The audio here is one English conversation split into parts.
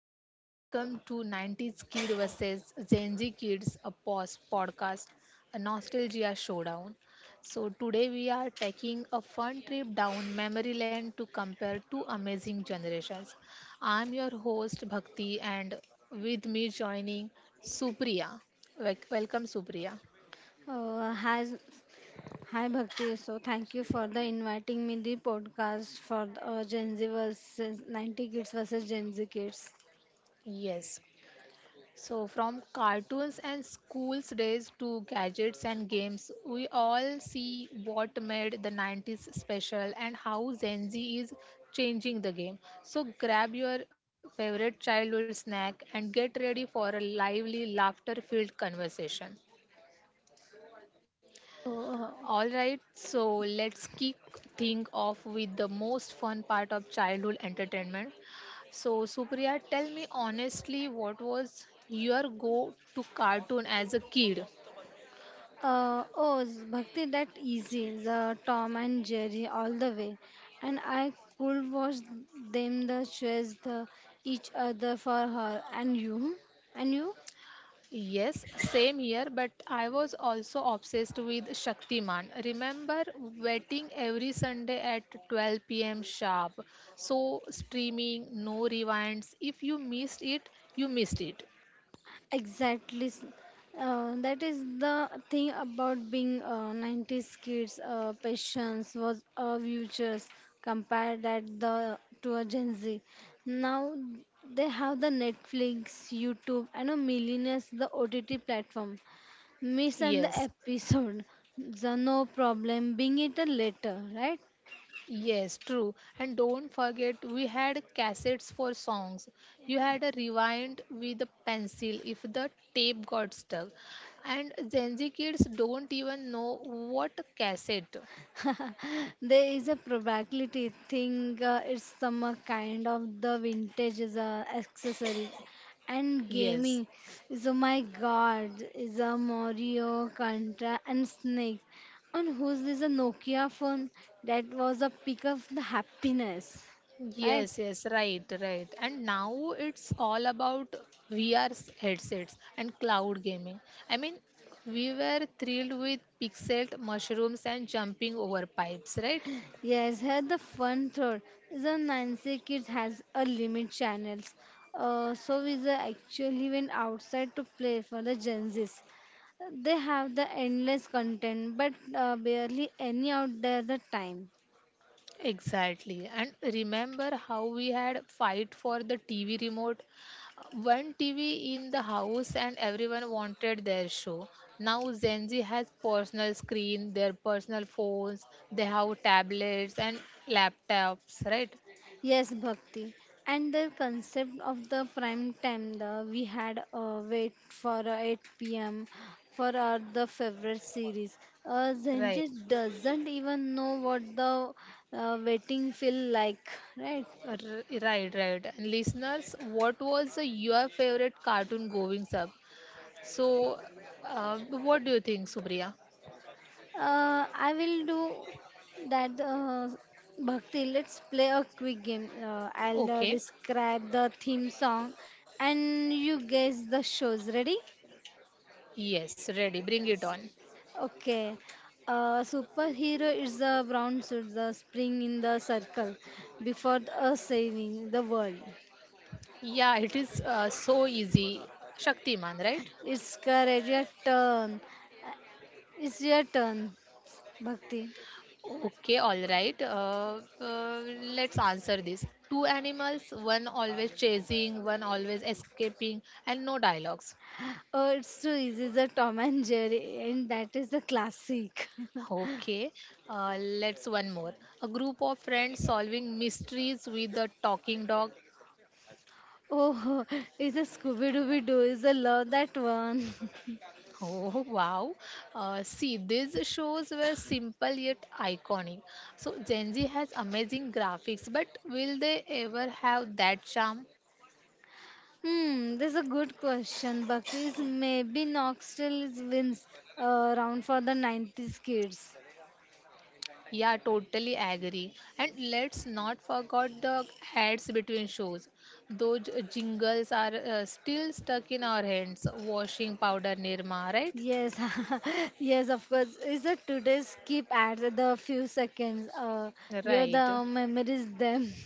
and welcome to 90s Kid vs. Gen Z Kids, a podcast, a nostalgia showdown. So today we are taking a fun trip down memory lane to compare two amazing generations. I'm your host, Bhakti, and with me joining Supriya. Welcome, Supriya. So, Uh, hi, hi Bhakti. So thank you for the inviting me the podcast for the Gen Z versus 90 kids versus Gen Z kids. Yes. So from cartoons and school's days to gadgets and games, we all see what made the 90s special and how Gen Z is changing the game. So grab your favorite childhood snack and get ready for a lively, laughter filled conversation. Oh, All right, so let's kick things off with the most fun part of childhood entertainment. So, Supriya, tell me honestly, what was your go to cartoon as a kid? Bhakti, that easy. The Tom and Jerry all the way, and I could watch them the chase the each other for her and you, and you. Yes, same here, but I was also obsessed with Shaktiman. Remember waiting every Sunday at 12 p.m. sharp. So, streaming, no rewinds. If you missed it, you missed it. Exactly. That is the thing about being 90s kids. Patience was a futures compared that the to a Gen Z. Now they have the Netflix, YouTube, and a millionaires the OTT platform. Miss and Yes. the episode, the no problem. Being it a later, right? Yes, true. And don't forget, we had cassettes for songs. You had a rewind with a pencil if the tape got stuck. And Gen Z kids don't even know what a cassette. There is a probability thing it's some kind of the vintage is accessories and Yes, gaming. So my god is a mario contra and snake and who's this a nokia phone, that was a pick of the happiness, right. yes, yes, right, right. And now it's all about VR headsets and cloud gaming. I mean, we were thrilled with pixel mushrooms and jumping over pipes, right? Yes, here the fun third. The Nancy Kids has a limit channels. So we the actually went outside to play for the Gen Zs. They have the endless content, but barely any out there the time. Exactly. And remember how we had fight for the TV remote? One TV in the house and everyone wanted their show. Now Gen Z has personal screen, their personal phones, they have tablets and laptops, right? Yes, Bhakti. And the concept of the prime time, the we had wait for 8 p.m. for our the favorite series. Right. Zenji doesn't even know what the waiting feel like, right? R- Right, right. And listeners, what was your favorite cartoon going up? So what do you think, Subriya? I will do that. Bhakti, let's play a quick game. I'll Okay. describe the theme song, and you guess the shows. Ready? Yes, ready. Bring it on. Okay. Superhero is the brown suit, the spring in the circle before the saving the world. Yeah, it is so easy. Shaktiman, right? It's correct. Your turn. It's your turn, Bhakti. Okay, all right. Let's answer this. Two animals, one always chasing, one always escaping, and no dialogues. Oh, it's too easy. The Tom and Jerry, and that is the classic. Okay, let's one more. A group of friends solving mysteries with a talking dog. Oh, it's a Scooby Dooby Doo. Is a love that one. Oh wow! See, these shows were simple yet iconic. So Gen Z has amazing graphics, but will they ever have that charm? Hmm, this is a good question. Bhakti is maybe Knoxville is wins round for the 90s kids. Yeah, totally agree. And let's not forget the ads between shows. Those jingles are still stuck in our hands. Washing powder Nirma, right? Yes, yes, of course. Is that today's keep ads at the few seconds? Where Right. the memories them.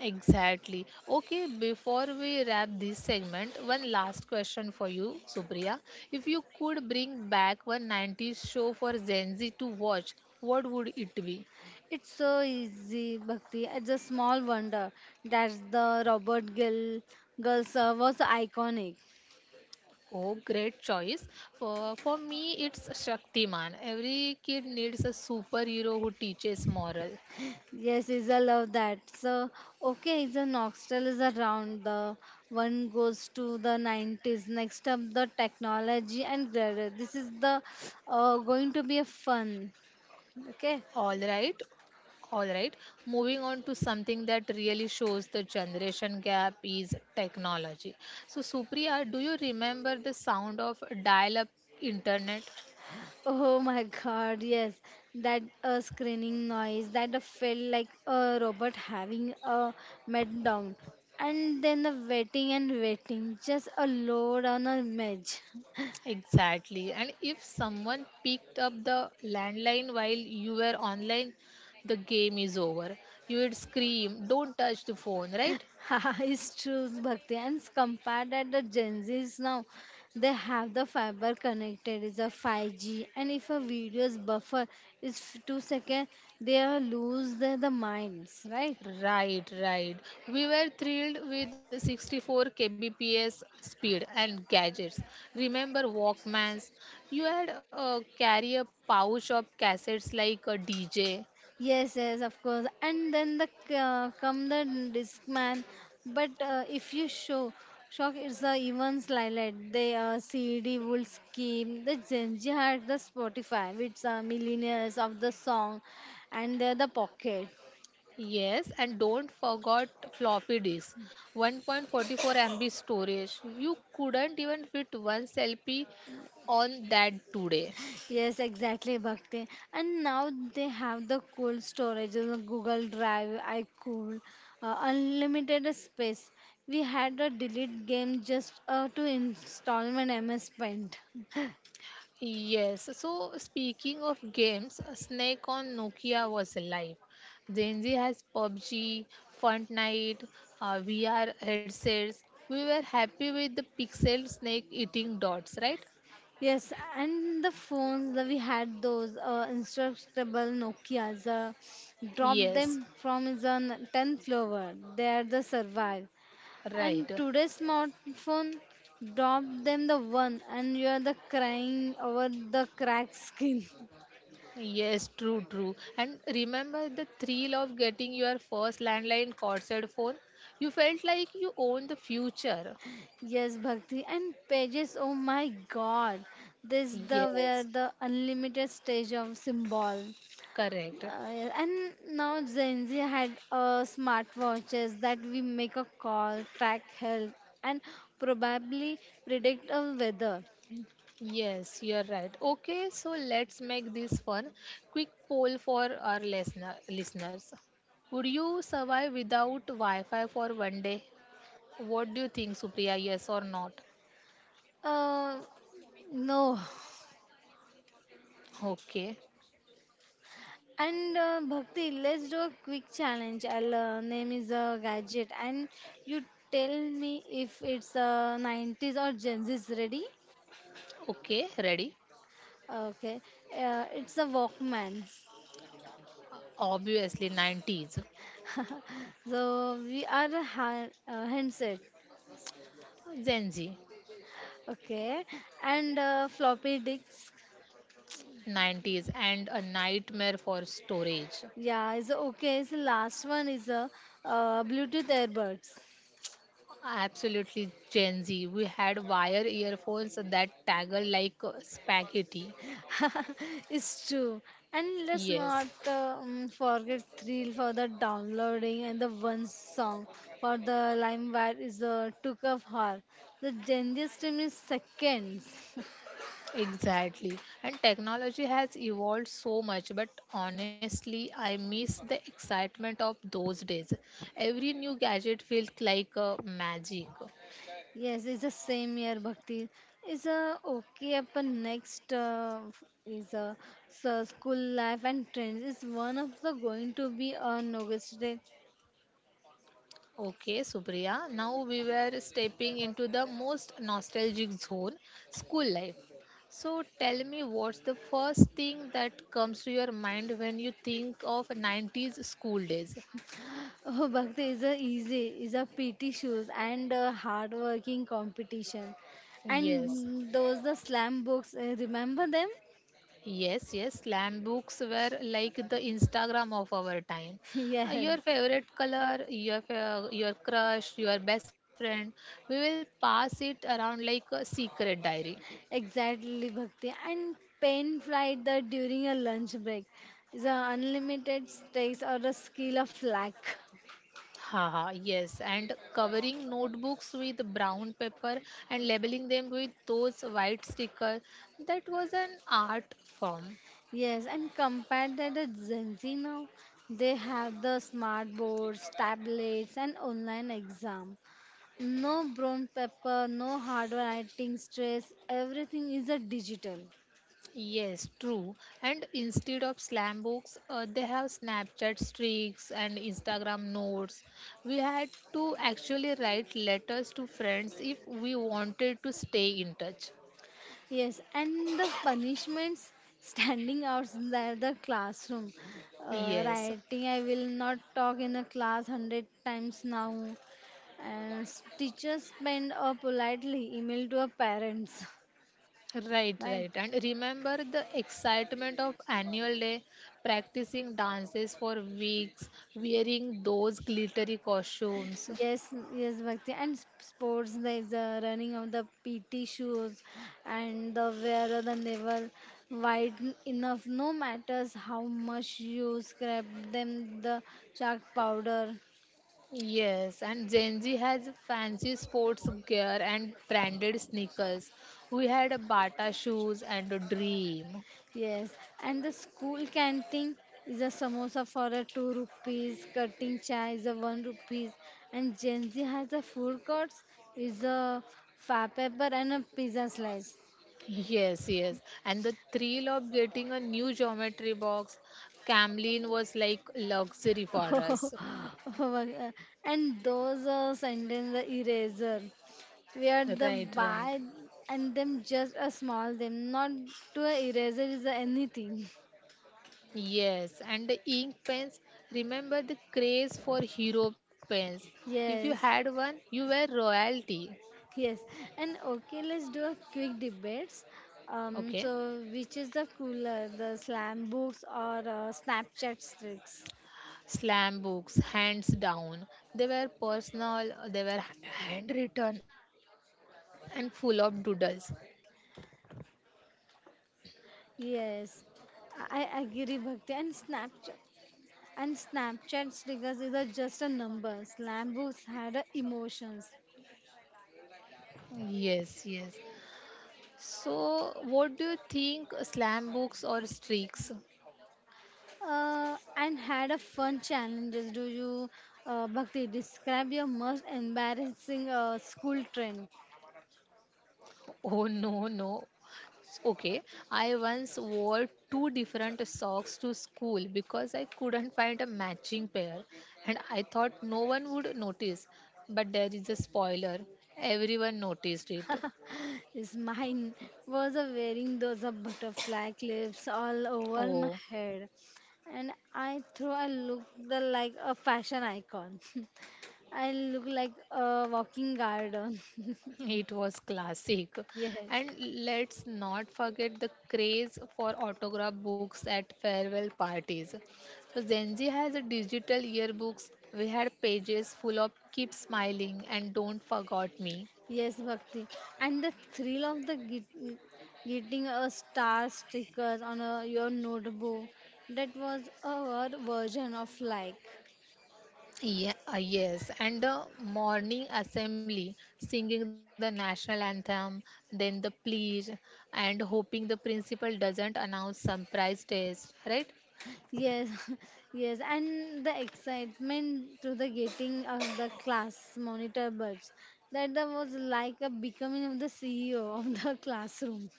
Exactly. Okay, before we wrap this segment, one last question for you, Supriya. If you could bring back one 90s show for Gen Z to watch, what would it be? It's so easy, Bhakti. It's a small wonder that the Robert Gill girls was iconic. Oh, great choice. For me, it's Shaktiman. Every kid needs a superhero who teaches moral. Yes, is I love that. So okay, the Noxtel is around. The one goes to the 90s. Next up, the technology and graduate. This is the going to be a fun. Okay. All right. All right. Moving on to something that really shows the generation gap is technology. So, Supriya, do you remember the sound of dial up internet? Oh my god, yes. That screening noise that felt like a robot having a meltdown. And then the waiting and waiting, just a load on a image. Exactly. And if someone picked up the landline while you were online, the game is over. You would scream, don't touch the phone, right? Haha, it's true, Bhakti. And it's compared at the Gen Zs now, they have the fiber connected, it's a 5G. And if a video's buffer is 2 seconds, they are lose their the minds, right? Right, right. We were thrilled with 64 kbps speed and gadgets. Remember Walkmans? You had carry a pouch of cassettes like a DJ. Yes, yes, of course. And then the come the disc man. But if you show shock, it's the events highlight. The CD would scheme, the Gen Z had the Spotify, which are millionaires of the song, and they're the pocket. Yes, and don't forget floppy disk, 1.44 MB storage. You couldn't even fit one selfie on that today. Yes, exactly, Bhakti. And now they have the cold storage, you know, Google Drive, iCool, unlimited space. We had a delete game just to install my MS Paint. Yes, so speaking of games, Snake on Nokia was alive. Gen Z has PUBG, Fortnite, VR headsets. We were happy with the pixel snake eating dots, right? Yes, and the phones that we had those instructable Nokia's, dropped Yes, them from is on 10th floor. They are the survive. And right. today's smartphone drop them the one, and you are the crying over the cracked skin. Yes, true, true. And remember the thrill of getting your first landline corded phone? You felt like you owned the future. Yes, Bhakti and pages. Oh my God, this the where Yes, the unlimited stage of symbol. correct. And now Gen Z had smartwatches that we make a call, track health, and probably predict a weather. Yes, you're right. Okay, so let's make this fun. Quick poll for our listeners. Would you survive without Wi-Fi for one day? What do you think, Supriya? Yes or not? Uh, no. Okay. And Bhakti, let's do a quick challenge. I'll name is a gadget, and you tell me if it's a 90s or Gen Z's ready. Okay, ready? Okay, it's a Walkman. Obviously 90s. So we are a handset. Gen Z, Okay, and floppy disks. 90s and a nightmare for storage. Yeah, is okay. Is the last one is a Bluetooth earbuds. Absolutely Gen Z. We had wire earphones that tangled like spaghetti. It's true. And let's Yes. not forget Thrill for the downloading and the one song for the LimeWire is Took of Her. The Gen Z stream is seconds. Exactly. And technology has evolved so much, but honestly, I miss the excitement of those days. Every new gadget feels like magic. Yes, it's the same year Bhakti. It's a okay up next is a so school life and trends. It's one of the going to be on August day. Okay, Supriya, now we were stepping into the most nostalgic zone school life. So tell me, what's the first thing that comes to your mind when you think of 90s school days? Oh, Bhakti is a easy is a PT shoes and a hard working competition, Yes. and those the slam books. Remember them? Yes, yes, slam books were like the Instagram of our time. Yes, Your favorite color, your your crush, your best friend, we will pass it around like a secret diary. exactly, Bhakti. And pen flight the during a lunch break. The unlimited stakes or the skill of luck. Haha, yes, and covering notebooks with brown paper and labeling them with those white stickers, that was an art form. Yes, and compared to the Gen Z now, they have the smart boards, tablets, and online exam. No brown paper, no hard writing stress, everything is a digital. Yes, true. And instead of slam books, they have Snapchat streaks and Instagram notes. We had to actually write letters to friends if we wanted to stay in touch. Yes, and the punishments standing outside the classroom. Yes. Writing, I will not talk in a class 100 times now. And teachers send a politely email to our parents, Right, right. right? And remember the excitement of annual day, practicing dances for weeks, wearing those glittery costumes. Yes, yes, Bhakti. And sports, there is the running of the PT shoes and the wear of the navel wide enough, no matters how much you scrap them, the chalk powder. Yes, and Gen Z has fancy sports gear and branded sneakers. We had a Bata shoes and a dream. Yes, and the school canteen is a samosa for a two rupees, cutting chai is a one rupees, and Gen Z has a food courts is a fab pepper and a pizza slice. Yes, yes. And the thrill of getting a new geometry box, Camlin was like luxury for us. And those sentence eraser. We are Right, the right. by and them just a small them not to a eraser is a anything. Yes, and the ink pens. Remember the craze for hero pens. If you had Yes, one, you were royalty. yes, and okay, let's do a quick debates. Okay. So which is the cooler, the slam books or snapchat tricks? Slam books, hands down. They were personal, they were handwritten and full of doodles. Yes, I agree Bhakti. And snapchat And snapchat stickers is a, just a number. Slambooks had a emotions, Yes, yes. So what do you think, slam books or streaks? And had a fun challenges. Do you, Bhakti, describe your most embarrassing school trend? Oh, no, no. Okay, I once wore two different socks to school because I couldn't find a matching pair and I thought no one would notice. But there is a spoiler, everyone noticed it. Is mine was a wearing those butterfly clips all over my Oh, head, and I thought I looked like a fashion icon. I look like a walking garden. it was classic. Yes. And let's not forget the craze for autograph books at farewell parties. So Gen Z has a digital yearbooks. We had pages full of keep smiling and don't forget me. Yes, Bhakti. And the thrill of the getting a star stickers on a, your notebook. That was our version of like. Yeah, yes, and the morning assembly singing the national anthem, then the pledge, and hoping the principal doesn't announce surprise test, right? Yes, yes, and the excitement to the getting of the class monitor buds. That the was like a becoming of the CEO of the classroom.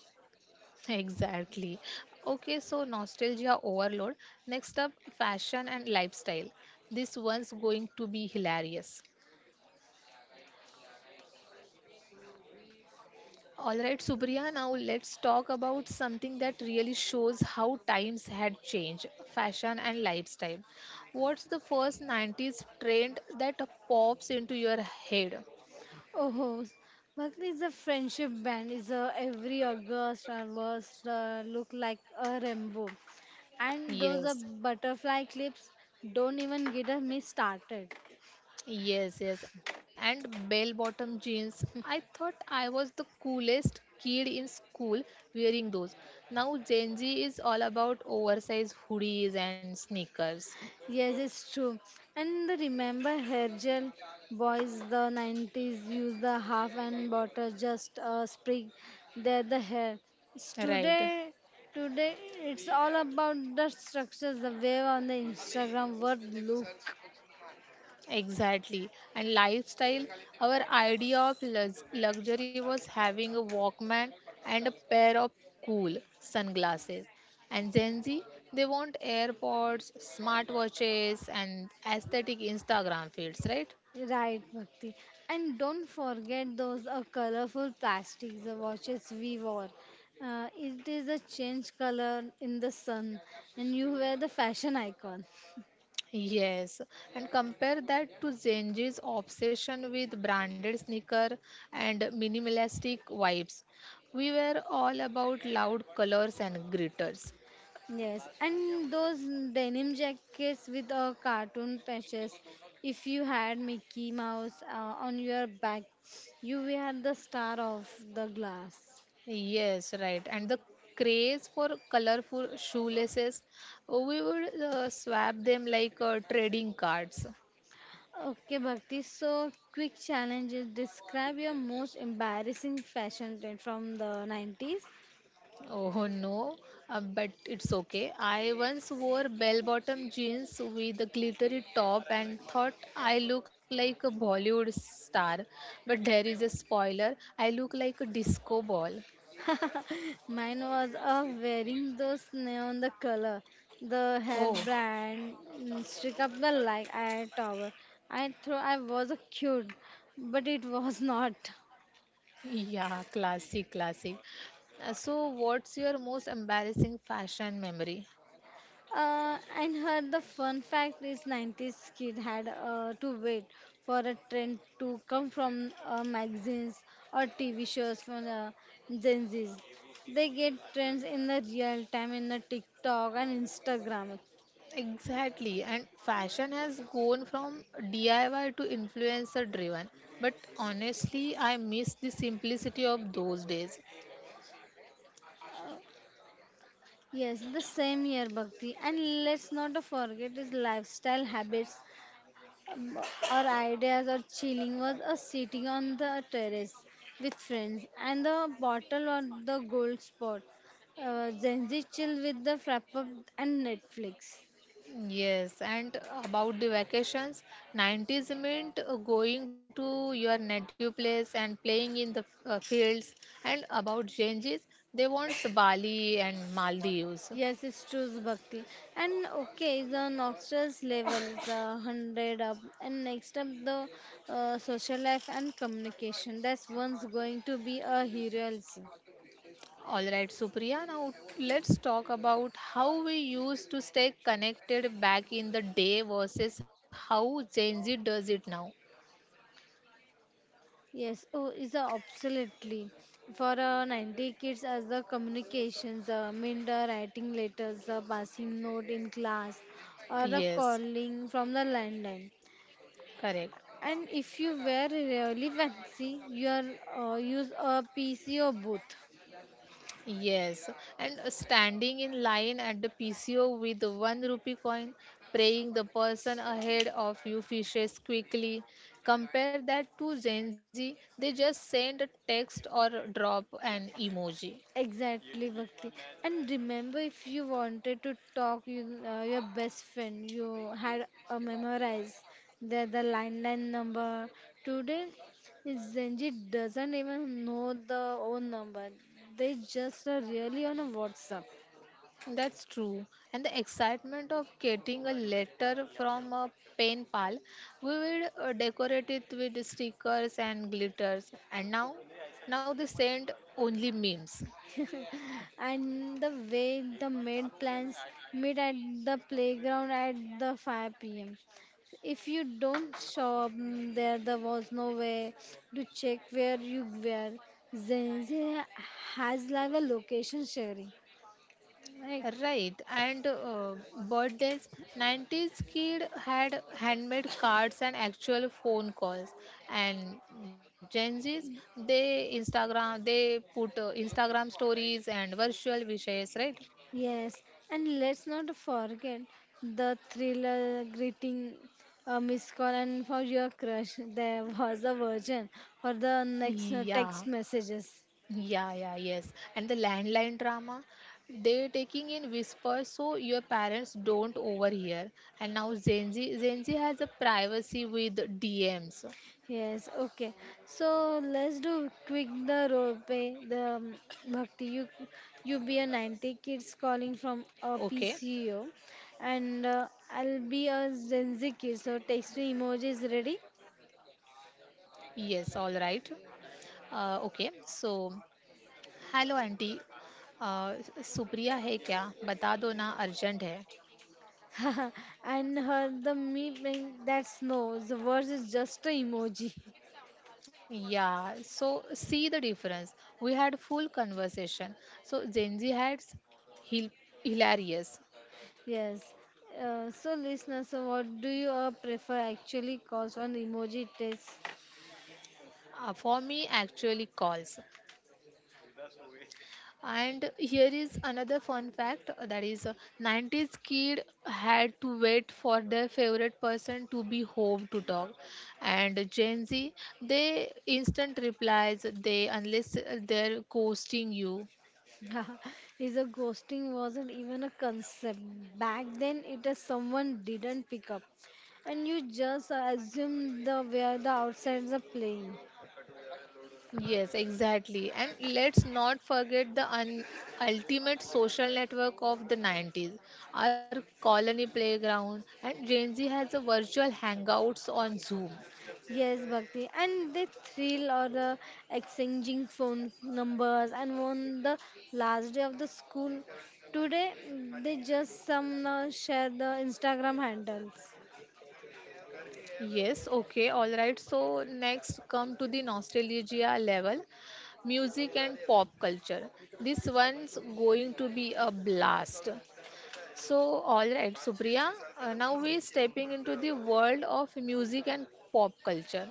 Exactly. Okay, so nostalgia overload. Next up, fashion and lifestyle. This one's going to be hilarious. All right, Supriya, now let's talk about something that really shows how times had changed fashion and lifestyle. What's the first 90s trend that pops into your head? Oh, what is the friendship band? Is every August or worst look like a rainbow, and those are Yes. butterfly clips. Don't even get me started. Yes, yes. And bell bottom jeans. I thought I was the coolest kid in school wearing those. Now Gen Z is all about oversized hoodies and sneakers. Yes, it's true. And the remember hair gel boys the 90s use the half and butter just a sprig there the hair. It's Right. today, today it's all about the structures the way on the Instagram what look. Exactly. And lifestyle, our idea of luxury was having a Walkman and a pair of cool sunglasses. And Gen Z, they want AirPods, smartwatches, and aesthetic Instagram feeds, right? Right, Bhakti. And don't forget those colorful plastics, the watches we wore. It is a change color in the sun, and you were the fashion icon. Yes, and compare that to Genji's obsession with branded sneaker and minimalistic vibes. We were all about loud colors and glitters. Yes, and those denim jackets with cartoon patches. If you had Mickey Mouse on your back, you were the star of the glass. Yes, right. And the craze for colorful shoelaces, we would swap them like trading cards. Okay, Bhakti. So, quick challenges. Describe your most embarrassing fashion trend from the 90s. Oh no, but it's okay. I once wore bell bottom jeans with a glittery top and thought I look like a Bollywood star. But there is a spoiler, I look like a disco ball. Mine was wearing those neon the color, the hair Oh, brand, mm, stick up the like eye tower. I thought I was a cute, but it was not. yeah, classic, classic. So what's your most embarrassing fashion memory? And her the fun fact is 90s kid had to wait for a trend to come from magazines or TV shows from the Gen Zs. They get trends in the real time in the TikTok and Instagram. Exactly, and fashion has gone from DIY to influencer driven. But honestly, I miss the simplicity of those days. Yes, the same year Bhakti. And let's not forget his lifestyle habits. Our ideas or chilling was a sitting on the terrace with friends and the bottle or the gold spot. Gen Z chill with the frap and Netflix. Yes, and about the vacations, 90s meant going to your native place and playing in the fields. And about changes, they want Bali and Maldives. Yes, it's true, Bhakti. And okay, the noxious level is 100 up. And next up, the social life and communication. That's one's going to be a hero also. All right, Supriya, now let's talk about how we used to stay connected back in the day versus how Gen Z does it now. Yes, oh, is a absolutely for 90 kids as the communications, mean the writing letters, the passing note in class, or a Yes, calling from the landline. correct. And if you were really fancy, you are use a PC or both. Yes, and standing in line at the PCO with the one rupee coin, praying the person ahead of you fishes quickly. Compare that to Gen Z, they just send a text or drop an emoji. Exactly, Bhakti. And remember, if you wanted to talk, your best friend, you had memorized the landline number. Today, Zenji doesn't even know the own number. They just are really on a WhatsApp. That's true. And the excitement of getting a letter from a pen pal, we will decorate it with stickers and glitters. And now, now they send only memes. And the way the made plans meet at the playground at the 5 p.m. If you don't show up, mm, there was no way to check where you were. Gen has like a location sharing, right? Right, and birthdays, 90s kid had handmade cards and actual phone calls. And Gen Zs, they Instagram, they put Instagram stories and virtual wishes, right? Yes, and let's not forget the thriller greeting, a missed call, and for your crush, there was a version for the next Yeah, text messages. Yeah, yes. And the landline drama, they taking in whispers so your parents don't overhear. And now Gen Z has a privacy with DMs. Yes, okay. So let's do quick the rope, eh, the bhakti. You be a 90 kids calling from a Okay, PCO, and I'll be a Gen Z kid. So text me emojis ready. yes, all right. Okay, so hello, Auntie. Supriya, है क्या? बता दो ना. Urgent है. And her the me mean that's no. The words is just a emoji. Yeah. So see the difference. We had full conversation. So Genji had hil- hilarious. Yes. So listener, so what do you prefer actually? Cause on emoji test. For me, actually, calls. And here is another fun fact that is, 90s kid had to wait for their favorite person to be home to talk. And Gen Z, they instant replies, they unless they're ghosting you. Is a ghosting wasn't even a concept back then it is someone didn't pick up and you just assume the where the outsides are playing. Yes, exactly. And let's not forget the ultimate social network of the 90s, our colony playground. And Gen Z has a virtual hangouts on Zoom. Yes, Bhakti, and they thrill or exchanging phone numbers and on the last day of the school today they just some share the Instagram handles. Yes, okay, all right. So next come to the nostalgia level, music and pop culture. This one's going to be a blast. So all right, Supriya, now we're stepping into the world of music and pop culture,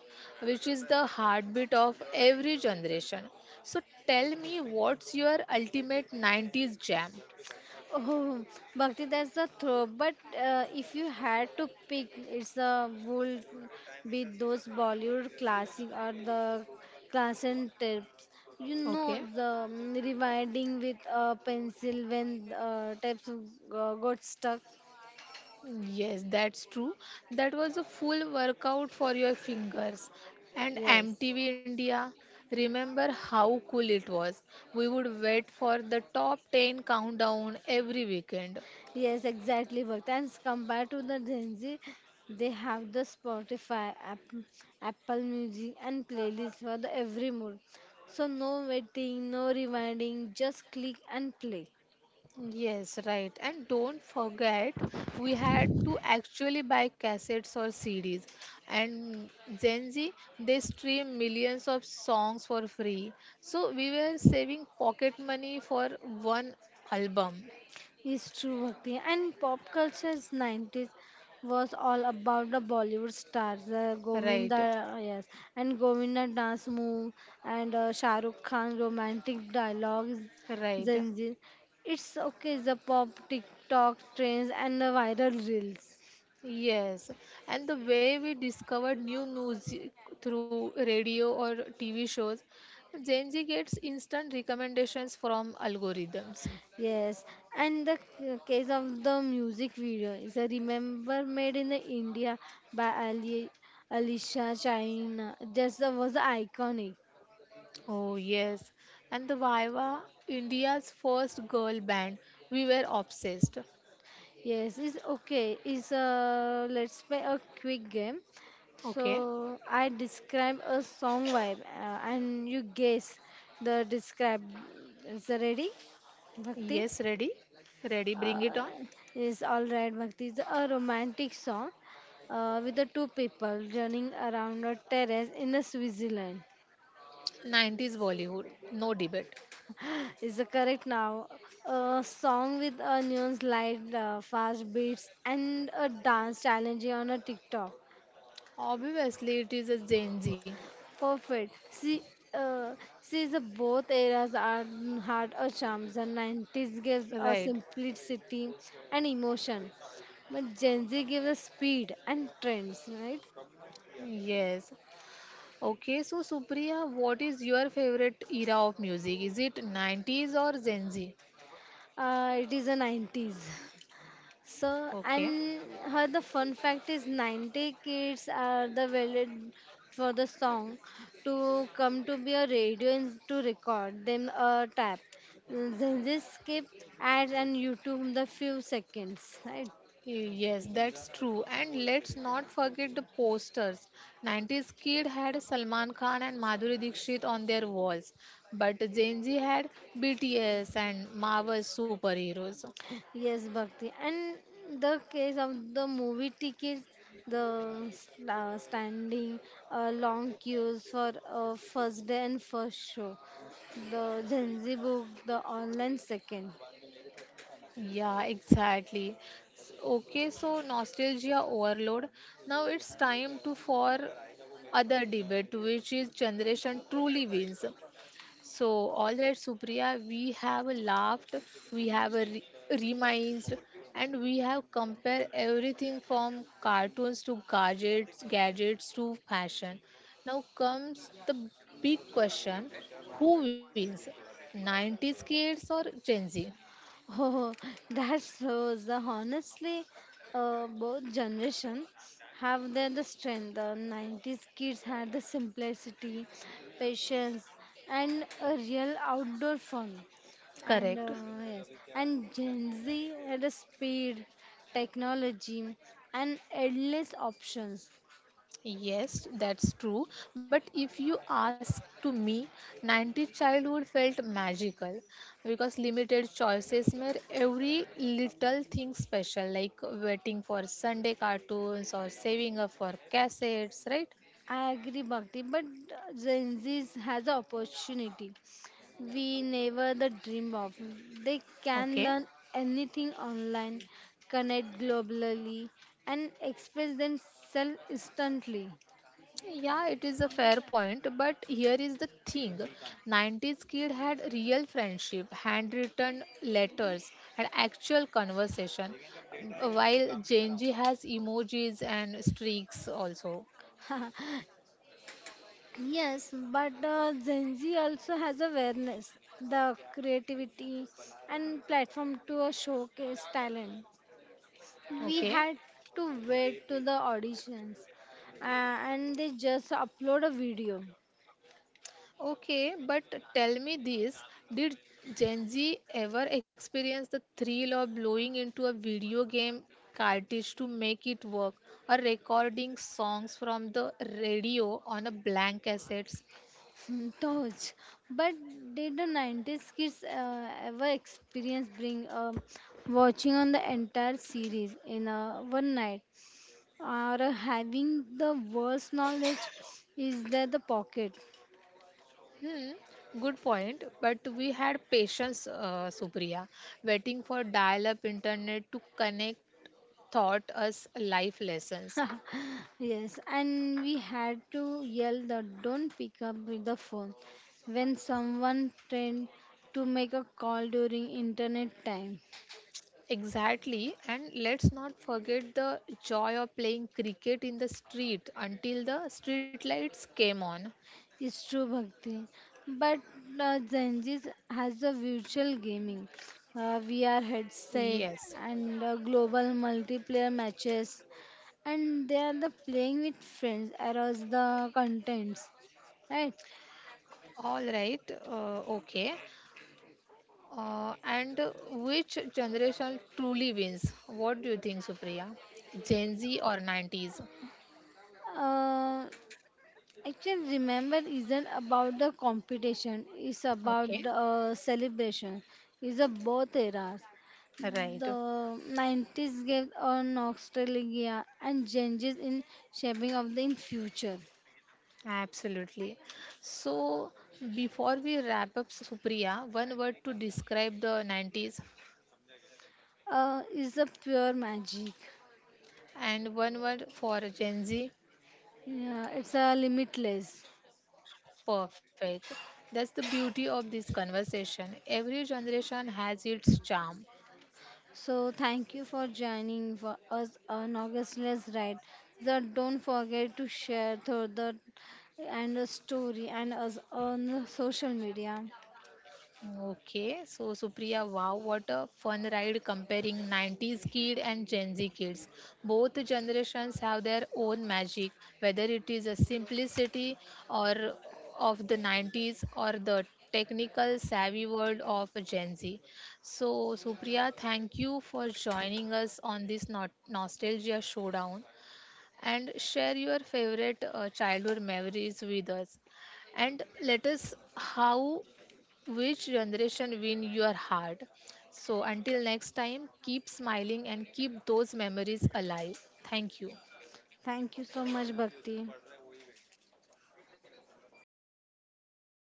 which is the heartbeat of every generation. So tell me, what's your ultimate 90s jam? Oh, Bhakti, that's the throw. But if you had to pick, it's a would be those Bollywood classic or the classic tips. You know, Okay. the rewinding with a pencil when types got stuck. Yes, that's true. That was a full workout for your fingers. And Yes. MTV India, remember how cool it was? We would wait for the top 10 countdown every weekend. Yes, exactly, Bhakt. And compared to the Gen Z, they have the Spotify, app, Apple Music, and playlist for the every mood. So no waiting, no rewinding, just click and play. Yes, right. And don't forget, we had to actually buy cassettes or CDs. And Gen Z, they stream millions of songs for free. So we were saving pocket money for one album. It's true, Bhakti. And pop culture's 90s was all about the Bollywood stars, Govinda, Right. Yes, and Govinda dance move and Shah Rukh Khan romantic dialogues, Right. Zanjeer. It's okay, the pop TikTok trends and the viral reels. Yes. And the way we discovered new music through radio or TV shows, Gen Z gets instant recommendations from algorithms. Yes, and the case of the music video is a remember made in the India by Alicia China. Just was iconic. Oh, yes. And the Viva, India's first girl band, we were obsessed. Yes, it's okay. It's uh, let's play a quick game. Okay. So I describe a song vibe and you guess the describe. Is that ready, Bhakti? Yes, ready? Ready, Uh, bring it on. is all right, Bhakti. It's a romantic song with the two people running around a terrace in a Switzerland. 90s Bollywood, no debate. Is the correct now? A song with a neon light, fast beats, and a dance challenge on a TikTok. Obviously, it is a Gen Z. Perfect. Uh, see, the both eras are had a charm. The 90s gives Right. a simplicity and emotion, but Gen Z gives us speed and trends, right? Yes. Okay, so Supriya, what is your favorite era of music? Is it 90s or Gen Z? It is the 90s. Okay. So, and her the fun fact is 90 kids are the valid for the song to come to be a radio and to record them a tap. Then they skip ads and YouTube the few seconds, right? Yes, that's true. And let's not forget the posters. 90s kid had Salman Khan and Madhuri Dixit on their walls, but Gen Z had BTS and Marvel superheroes. Yes, Bhakti. And the case of the movie tickets, the standing long queues for first day and first show, the Gen Z book, the online second. Yeah, exactly. S- okay, so nostalgia overload. Now it's time to for other debate, which is generation truly wins. So, all right, Supriya, we have laughed, we have reminded, and we have compared everything from cartoons to gadgets, gadgets to fashion. Now comes the big question: who wins, 90s kids or Gen Z? Oh, that shows the honestly, both generation have their the strength. The 90s kids had the simplicity, patience, and a real outdoor fun. And Correct. uh, yes, and Gen Z had a speed, technology, and endless options. Yes, that's true. But if you ask to me, 90s childhood felt magical because limited choices made every little thing special, like waiting for Sunday cartoons or saving up for cassettes, right? I agree, Bhakti, but Gen Z has an opportunity we never the dream of. They can Okay. learn anything online, connect globally, and express themselves instantly. Yeah, it is a fair point, but here is the thing. 90s kid had real friendship, handwritten letters and actual conversation, while Gen Z has emojis and streaks also. Yes, but Gen Z also has awareness, the creativity, and platform to showcase talent. We Okay. had to wait to the auditions and they just upload a video. Okay, but tell me this, did Gen Z ever experience the thrill of blowing into a video game cartridge to make it work or recording songs from the radio on a blank cassette? Touch. But did the 90s kids ever experience bring watching on the entire series in one night or having the worst knowledge is that the pocket. Hmm, good point. But we had patience, Supriya, waiting for dial-up internet to connect taught us life lessons. Yes, and we had to yell that don't pick up with the phone when someone tried to make a call during internet time. Exactly, and let's not forget the joy of playing cricket in the street until the street lights came on. It's true, Bhakti. But Gen Z has the virtual gaming, VR Yes. headset, and global multiplayer matches, and they are the playing with friends across the contents, right? All right. Okay. And which generation truly wins? What do you think, Supriya? Gen Z or 90s? Uh. Actually, remember isn't about the competition. It's about Okay. the celebration. It's a both eras. Right. The 90s gave a nostalgia and changes in shaping of the in future. Absolutely. So before we wrap up, Supriya, one word to describe the 90s It's a pure magic. and one word for Gen Z Yeah, it's a limitless. perfect. That's the beauty of this conversation. Every generation has its charm. So thank you for joining for us on August Ride. So don't forget to share through the and the story and us on the social media. Okay, so Supriya, wow, what a fun ride comparing 90s kid and Gen Z kids. Both generations have their own magic, whether it is a simplicity or of the 90s or the technical savvy world of Gen Z. So Supriya, thank you for joining us on this nostalgia showdown and share your favorite childhood memories with us and let us how which generation win your heart. So until next time, keep smiling and keep those memories alive. Thank you. Thank you so much, Bhakti.